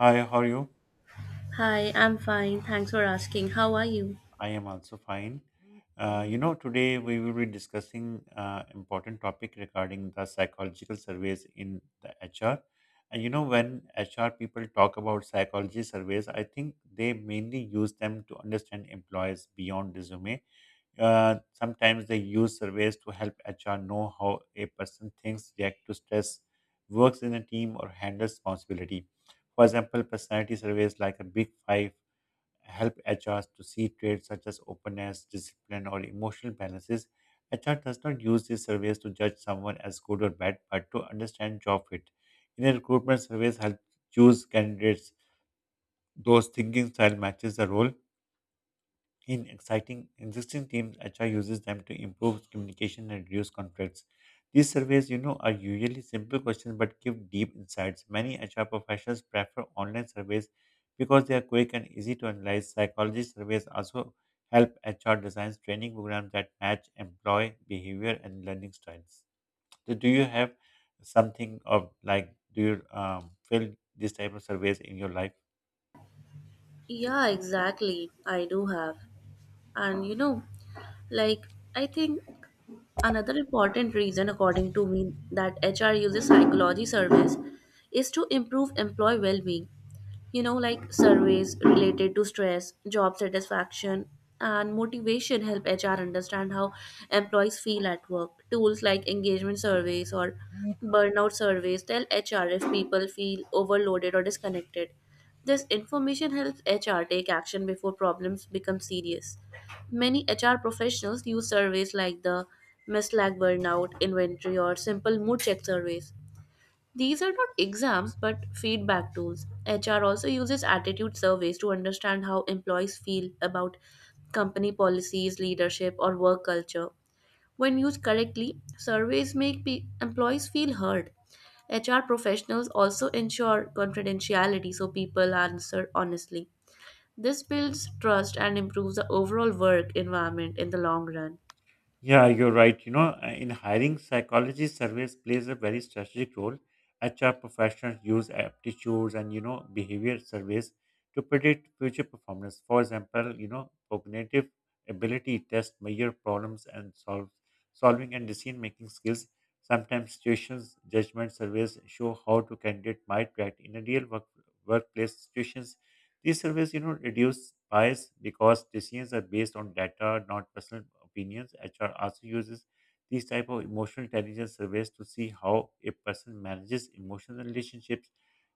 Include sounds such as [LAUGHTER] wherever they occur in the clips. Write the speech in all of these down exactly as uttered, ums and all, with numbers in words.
Hi, how are you? Hi, I'm fine. Thanks for asking. How are you? I am also fine. Uh, you know, today we will be discussing uh, important topic regarding the psychological surveys in the H R. And you know, when H R people talk about psychology surveys, I think they mainly use them to understand employees beyond resume. Uh, sometimes they use surveys to help H R know how a person thinks, reacts to stress, works in a team, or handles responsibility. For example, personality surveys like a Big Five help H Rs to see traits such as openness, discipline, or emotional balances. H R does not use these surveys to judge someone as good or bad, but to understand job fit. In a recruitment surveys help choose candidates, those thinking style matches the role. In exciting existing teams, H R uses them to improve communication and reduce conflicts. These surveys, you know, are usually simple questions but give deep insights. Many H R professionals prefer online surveys because they are quick and easy to analyze. Psychology surveys also help H R design training programs that match employee behavior and learning styles. So do you have something of like do you um, fill this type of surveys in your life? Yeah, exactly. I do have. And you know, like, I think another important reason, according to me, that H R uses psychology surveys is to improve employee well being. You know, like surveys related to stress, job satisfaction, and motivation help H R understand how employees feel at work. Tools like engagement surveys or burnout surveys tell H R if people feel overloaded or disconnected. This information helps H R take action before problems become serious. Many H R professionals use surveys like the Miss Lag Burnout Inventory or simple mood check surveys. These are not exams but feedback tools. H R also uses attitude surveys to understand how employees feel about company policies, leadership, or work culture. When used correctly, surveys make pe- employees feel heard. H R professionals also ensure confidentiality so people answer honestly. This builds trust and improves the overall work environment in the long run. Yeah, you're right. You know, uh, in hiring, psychology surveys plays a very strategic role. H R professionals use aptitudes and you know behavior surveys to predict future performance. For example, you know, cognitive ability tests measure problems and solve solving and decision making skills. Sometimes situations judgment surveys show how to candidate might react in a real work, workplace situations. These surveys, you know, reduce bias because decisions are based on data, not personal opinions. H R also uses these type of emotional intelligence surveys to see how a person manages emotional relationships.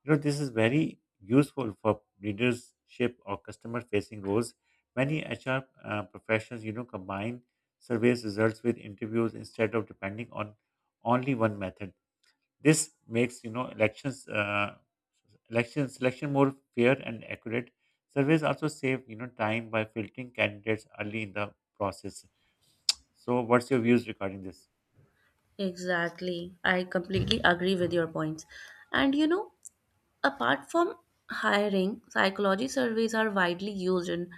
You know, this is very useful for leadership or customer facing roles. Many H R uh, professionals, you know, combine surveys results with interviews instead of depending on only one method. This makes you know elections uh, election selection more fair and accurate. Surveys also save you know time by filtering candidates early in the process. So, what's your views regarding this? Exactly. I completely agree with your points. And you know, Apart from hiring, psychology surveys are widely used in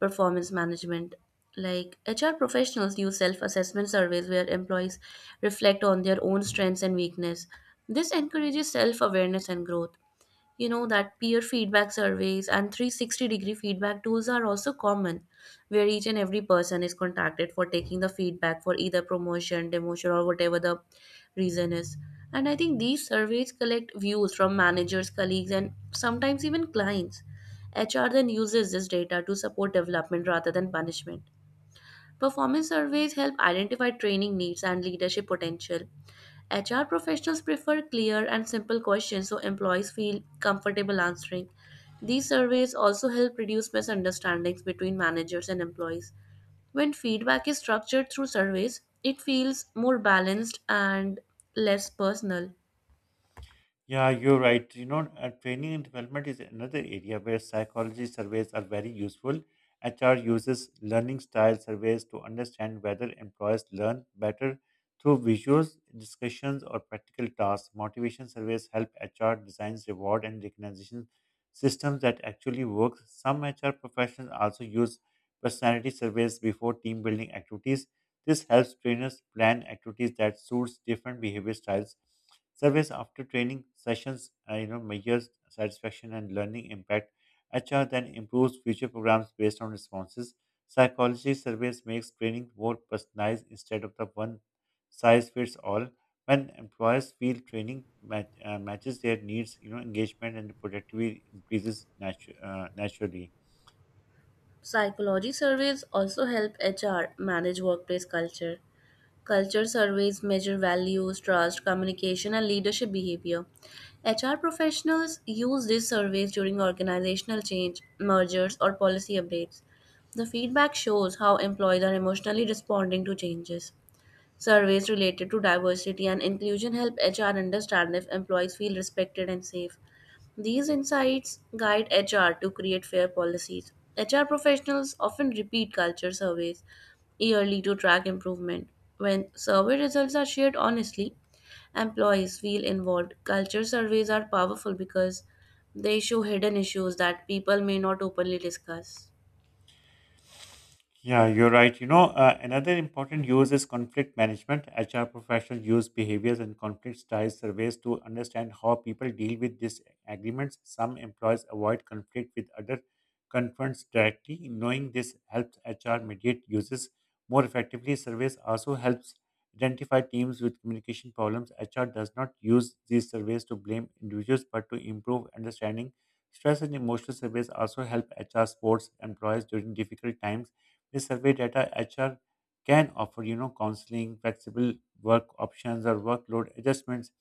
performance management. Like H R professionals use self assessment surveys where employees reflect on their own strengths and weakness. This encourages self awareness and growth you know that Peer feedback surveys and three sixty degree feedback tools are also common, where each and every person is contacted for taking the feedback for either promotion, demotion, or whatever the reason is. And I think these surveys collect views from managers, colleagues, and sometimes even clients. HR then uses this data to support development rather than punishment. Performance surveys help identify training needs and leadership potential. H R professionals prefer clear and simple questions so employees feel comfortable answering. These surveys also help reduce misunderstandings between managers and employees. When feedback is structured through surveys, it feels more balanced and less personal. Yeah, you're right. You know, uh, training and development is another area where psychology surveys are very useful. H R uses learning style surveys to understand whether employees learn better through visuals, discussions, or practical tasks. Motivation surveys help H R designs reward and recognition systems that actually work. Some H R professionals also use personality surveys before team building activities. This helps trainers plan activities that suits different behavior styles. Surveys after training sessions, uh, you know, measures satisfaction and learning impact. H R then improves future programs based on responses. Psychology surveys makes training more personalized instead of the one size fits all. When employers feel training mat- uh, matches their needs, you know, engagement and productivity increases natu- uh, naturally. Psychology surveys also help H R manage workplace culture. Culture surveys measure values, trust, communication, and leadership behavior. H R professionals use these surveys during organizational change, mergers, or policy updates. The feedback shows how employees are emotionally responding to changes. Surveys related to diversity and inclusion help H R understand if employees feel respected and safe. These insights guide H R to create fair policies. H R professionals often repeat culture surveys yearly to track improvement. When survey results are shared honestly, employees feel involved. Culture surveys are powerful because they show hidden issues that people may not openly discuss. Yeah, you're right. You know, uh, another important use is conflict management. H R professionals use behaviors and conflict style surveys to understand how people deal with disagreements. Some employees avoid conflict with other confronts directly. Knowing this helps H R mediate uses more effectively. Surveys also helps identify teams with communication problems. H R does not use these surveys to blame individuals, but to improve understanding. Stress and emotional surveys also help H R supports employees during difficult times this survey data H R can offer, you know, counseling, flexible work options, or workload adjustments.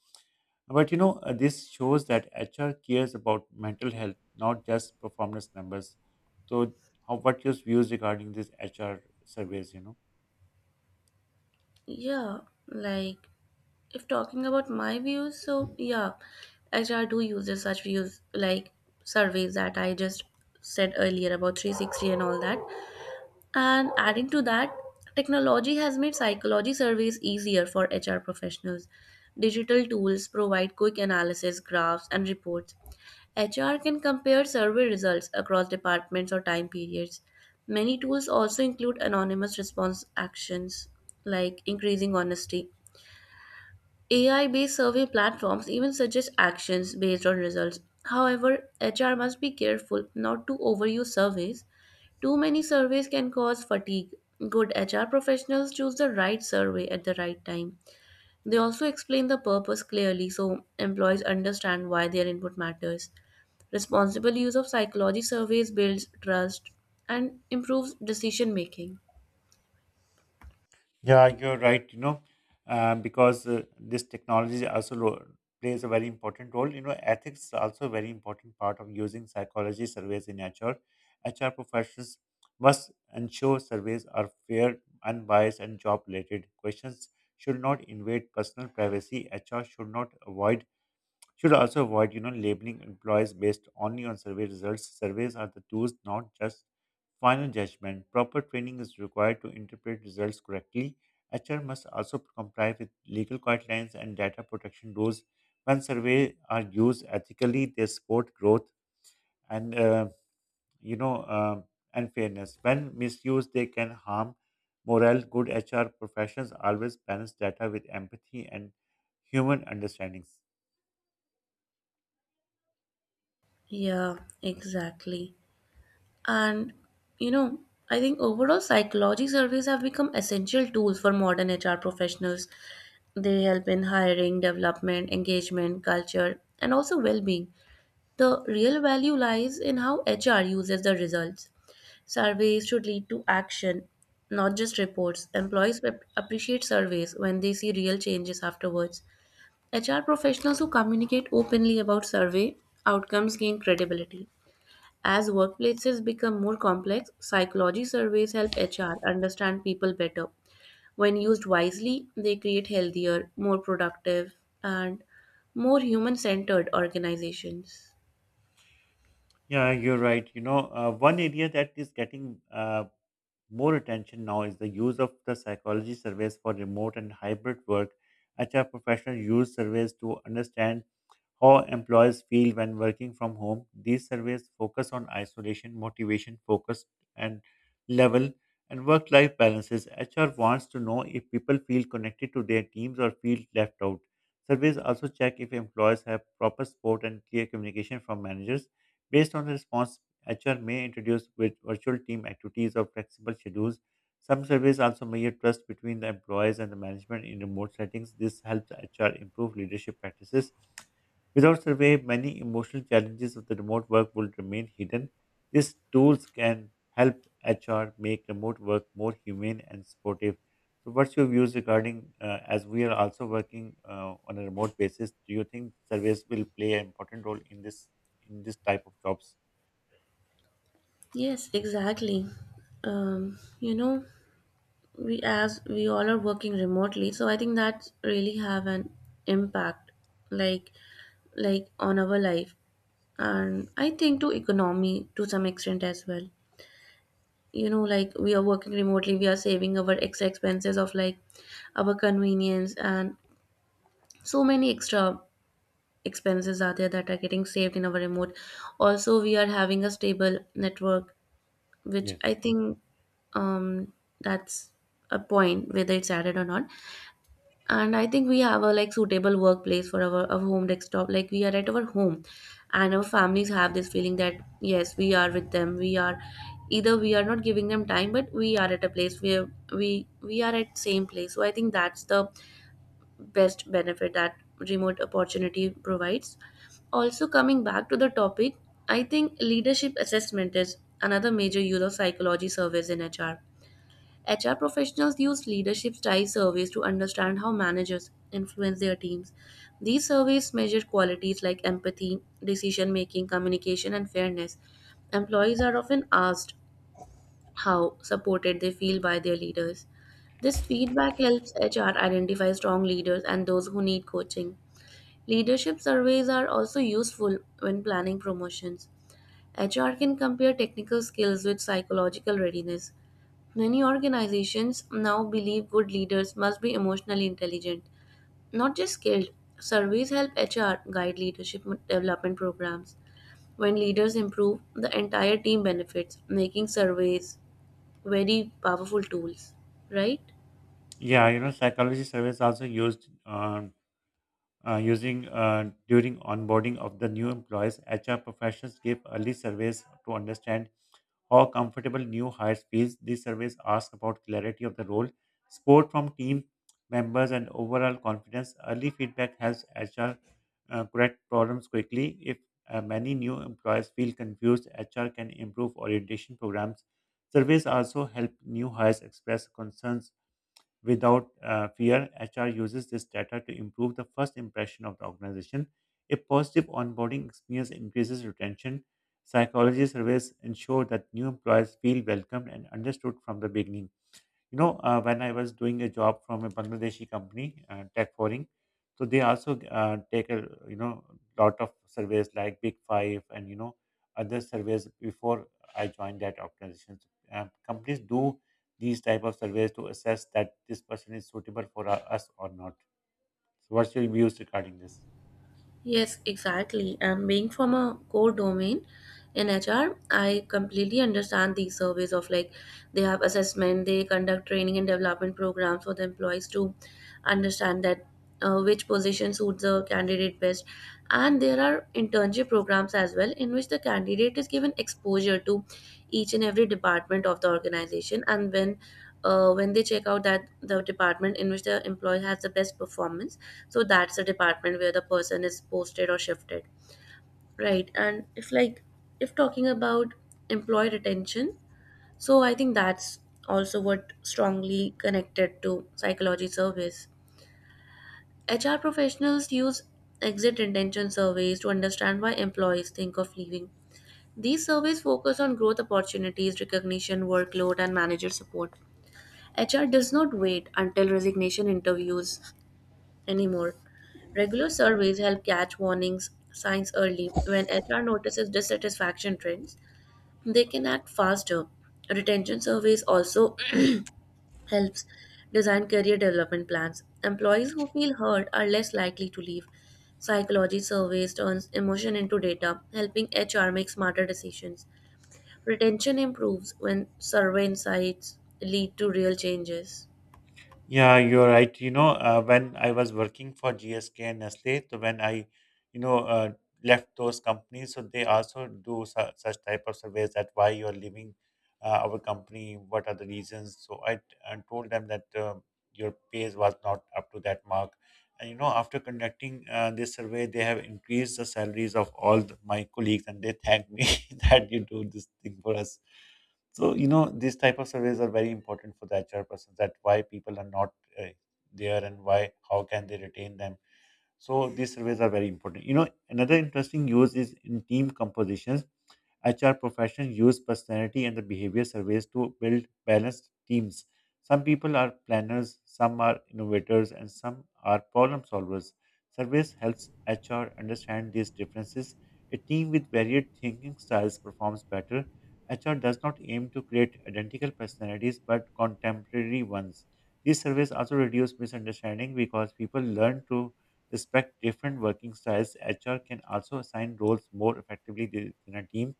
But you know, uh, this shows that H R cares about mental health, not just performance numbers. So, how what your views regarding this H R surveys? You know. Yeah, like if talking about my views, so yeah, H R do uses such views like surveys that I just said earlier about three sixty and all that. And adding to that, technology has made psychology surveys easier for H R professionals. Digital tools provide quick analysis, graphs, and reports. H R can compare survey results across departments or time periods. Many tools also include anonymous response actions, like increasing honesty. A I based survey platforms even suggest actions based on results. However, H R must be careful not to overuse surveys. Too many surveys can cause fatigue. Good H R professionals choose the right survey at the right time. They also explain the purpose clearly so employees understand why their input matters. Responsible use of psychology surveys builds trust and improves decision making. Yeah, you're right. You know, uh, because uh, this technology also ro- plays a very important role. You know, ethics is also a very important part of using psychology surveys in H R. H R professionals must ensure surveys are fair, unbiased, and job-related. Questions should not invade personal privacy. H R should not avoid should also avoid, you know, labeling employees based only on survey results. Surveys are the tools, not just final judgment. Proper training is required to interpret results correctly. H R must also comply with legal guidelines and data protection rules. When surveys are used ethically, they support growth and uh, you know uh, and fairness. When misused, they can harm morale. Good H R professionals always balance data with empathy and human understandings. Yeah, exactly. And you know, I think overall psychology surveys have become essential tools for modern H R professionals. They help in hiring, development, engagement, culture, and also well-being. The real value lies in how H R uses the results. Surveys should lead to action, not just reports. Employees ap- appreciate surveys when they see real changes afterwards. H R professionals who communicate openly about survey outcomes gain credibility. As workplaces become more complex, psychology surveys help H R understand people better. When used wisely, they create healthier, more productive, and more human centered organizations. Yeah, you're right. You know, uh, one area that is getting uh, more attention now is the use of the psychology surveys for remote and hybrid work. H R professionals use surveys to understand how employees feel when working from home. These surveys focus on isolation, motivation, focus, and level and work life balances. H R wants to know if people feel connected to their teams or feel left out. Surveys also check if employees have proper support and clear communication from managers. Based on the response, H R may introduce with virtual team activities or flexible schedules. Some surveys also measure trust between the employees and the management in remote settings. This helps H R improve leadership practices. Without survey, many emotional challenges of the remote work will remain hidden. These tools can help H R make remote work more humane and supportive. So, what's your views regarding uh, as we are also working uh, on a remote basis? Do you think surveys will play an important role in this in this type of jobs? Yes, exactly. Um, you know, we as we all are working remotely, so I think that really have an impact, like like on our life, and I think to economy to some extent as well. You know, like we are working remotely, we are saving our extra expenses of like our convenience, and so many extra expenses are there that are getting saved in our remote. Also we are having a stable network, which Yes. I think, um that's a point whether it's added or not. And I think we have a like suitable workplace for our, our home desktop, like we are at our home, and our families have this feeling that yes, we are with them. We are either we are not giving them time, but we are at a place where we we are at same place, so I think that's the best benefit that remote opportunity provides. Also, coming back to the topic, I think leadership assessment is another major use of psychology surveys in H R. H R professionals use leadership style surveys to understand how managers influence their teams. These surveys measure qualities like empathy, decision making, communication, and fairness. Employees are often asked how supported they feel by their leaders. This feedback helps H R identify strong leaders and those who need coaching. Leadership surveys are also useful when planning promotions. H R can compare technical skills with psychological readiness. Many organizations now believe good leaders must be emotionally intelligent, not just skilled. Surveys help H R guide leadership development programs. When leaders improve, the entire team benefits, making surveys very powerful tools, right? Yeah, you know, psychology surveys also used um, uh, using uh, during onboarding of the new employees, H R professionals give early surveys to understand how comfortable new hires feels. These surveys ask about clarity of the role, support from team members, and overall confidence. Early feedback helps H R uh, correct problems quickly. If uh, many new employees feel confused, H R can improve orientation programs. Surveys also help new hires express concerns without uh, fear. H R uses this data to improve the first impression of the organization. A positive onboarding experience increases retention. Psychology surveys ensure that new employees feel welcomed and understood from the beginning. You know uh, when I was doing a job from a Bangladeshi company, uh, Tech Foreign, so they also uh, take a you know lot of surveys like Big Five and you know other surveys before I joined that organization. So, uh, companies do these type of surveys to assess that this person is suitable for uh, us or not. So what's your views regarding this? Yes, exactly. And being from a core domain in H R, I completely understand these surveys of like they have assessment, they conduct training and development programs for the employees to understand that uh, which position suits the candidate best. And there are internship programs as well in which the candidate is given exposure to each and every department of the organization. And when uh, when they check out that the department in which the employee has the best performance, so that's the department where the person is posted or shifted, right? And if like if talking about employee retention, so I think that's also what strongly connected to psychology surveys. HR professionals use exit intention surveys to understand why employees think of leaving. These surveys focus on growth opportunities, recognition, workload, and manager support. HR does not wait until resignation interviews anymore. Regular surveys help catch warnings signs early. When H R notices dissatisfaction trends, they can act faster. Retention surveys also [CLEARS THROAT] helps design career development plans. Employees who feel heard are less likely to leave. Psychology surveys turns emotion into data, helping H R make smarter decisions. Retention improves when survey insights lead to real changes. Yeah, you're right. You know, uh, when I was working for G S K and Nestle, so when I, you know, uh, left those companies, so they also do su- such type of surveys that why you are leaving uh, our company, what are the reasons. So I, t- I told them that uh, your pay was not up to that mark. And you know, after conducting uh, this survey, they have increased the salaries of all the, my colleagues, and they thanked me [LAUGHS] that you do this thing for us. So you know these type of surveys are very important for the H R persons. That why people are not uh, there and why how can they retain them. So these surveys are very important. You know another interesting use is in team compositions. H R professionals use personality and the behavior surveys to build balanced teams. Some people are planners, some are innovators, and some are problem solvers. Surveys helps H R understand these differences. A team with varied thinking styles performs better. H R does not aim to create identical personalities but contemporary ones. These surveys also reduce misunderstanding because people learn to respect different working styles. H R can also assign roles more effectively th- than a team.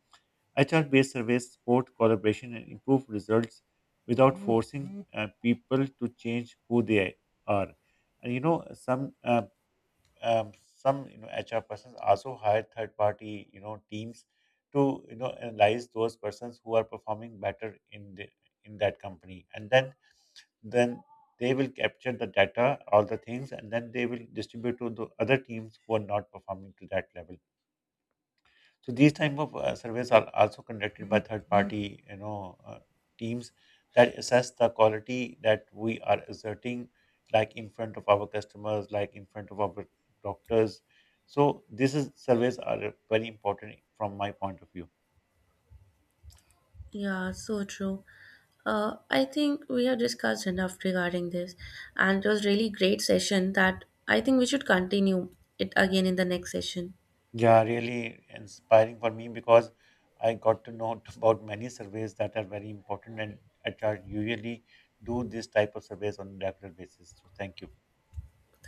H R based surveys support collaboration and improve results without forcing uh, people to change who they are. And you know, some uh, um, some you know H R persons also hire third party you know teams to you know analyze those persons who are performing better in the in that company, and then then they will capture the data, all the things, and then they will distribute to the other teams who are not performing to that level. So these type of uh, surveys are also conducted by third party, you know, uh, teams that assess the quality that we are asserting, like in front of our customers, like in front of our doctors. So this is surveys are very important from my point of view. Yeah, so true. Uh, I think we have discussed enough regarding this, and it was really great session that I think we should continue it again in the next session. Yeah, really inspiring for me because I got to know [LAUGHS] about many surveys that are very important, and H R usually do this type of surveys on a regular basis. So thank you.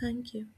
Thank you.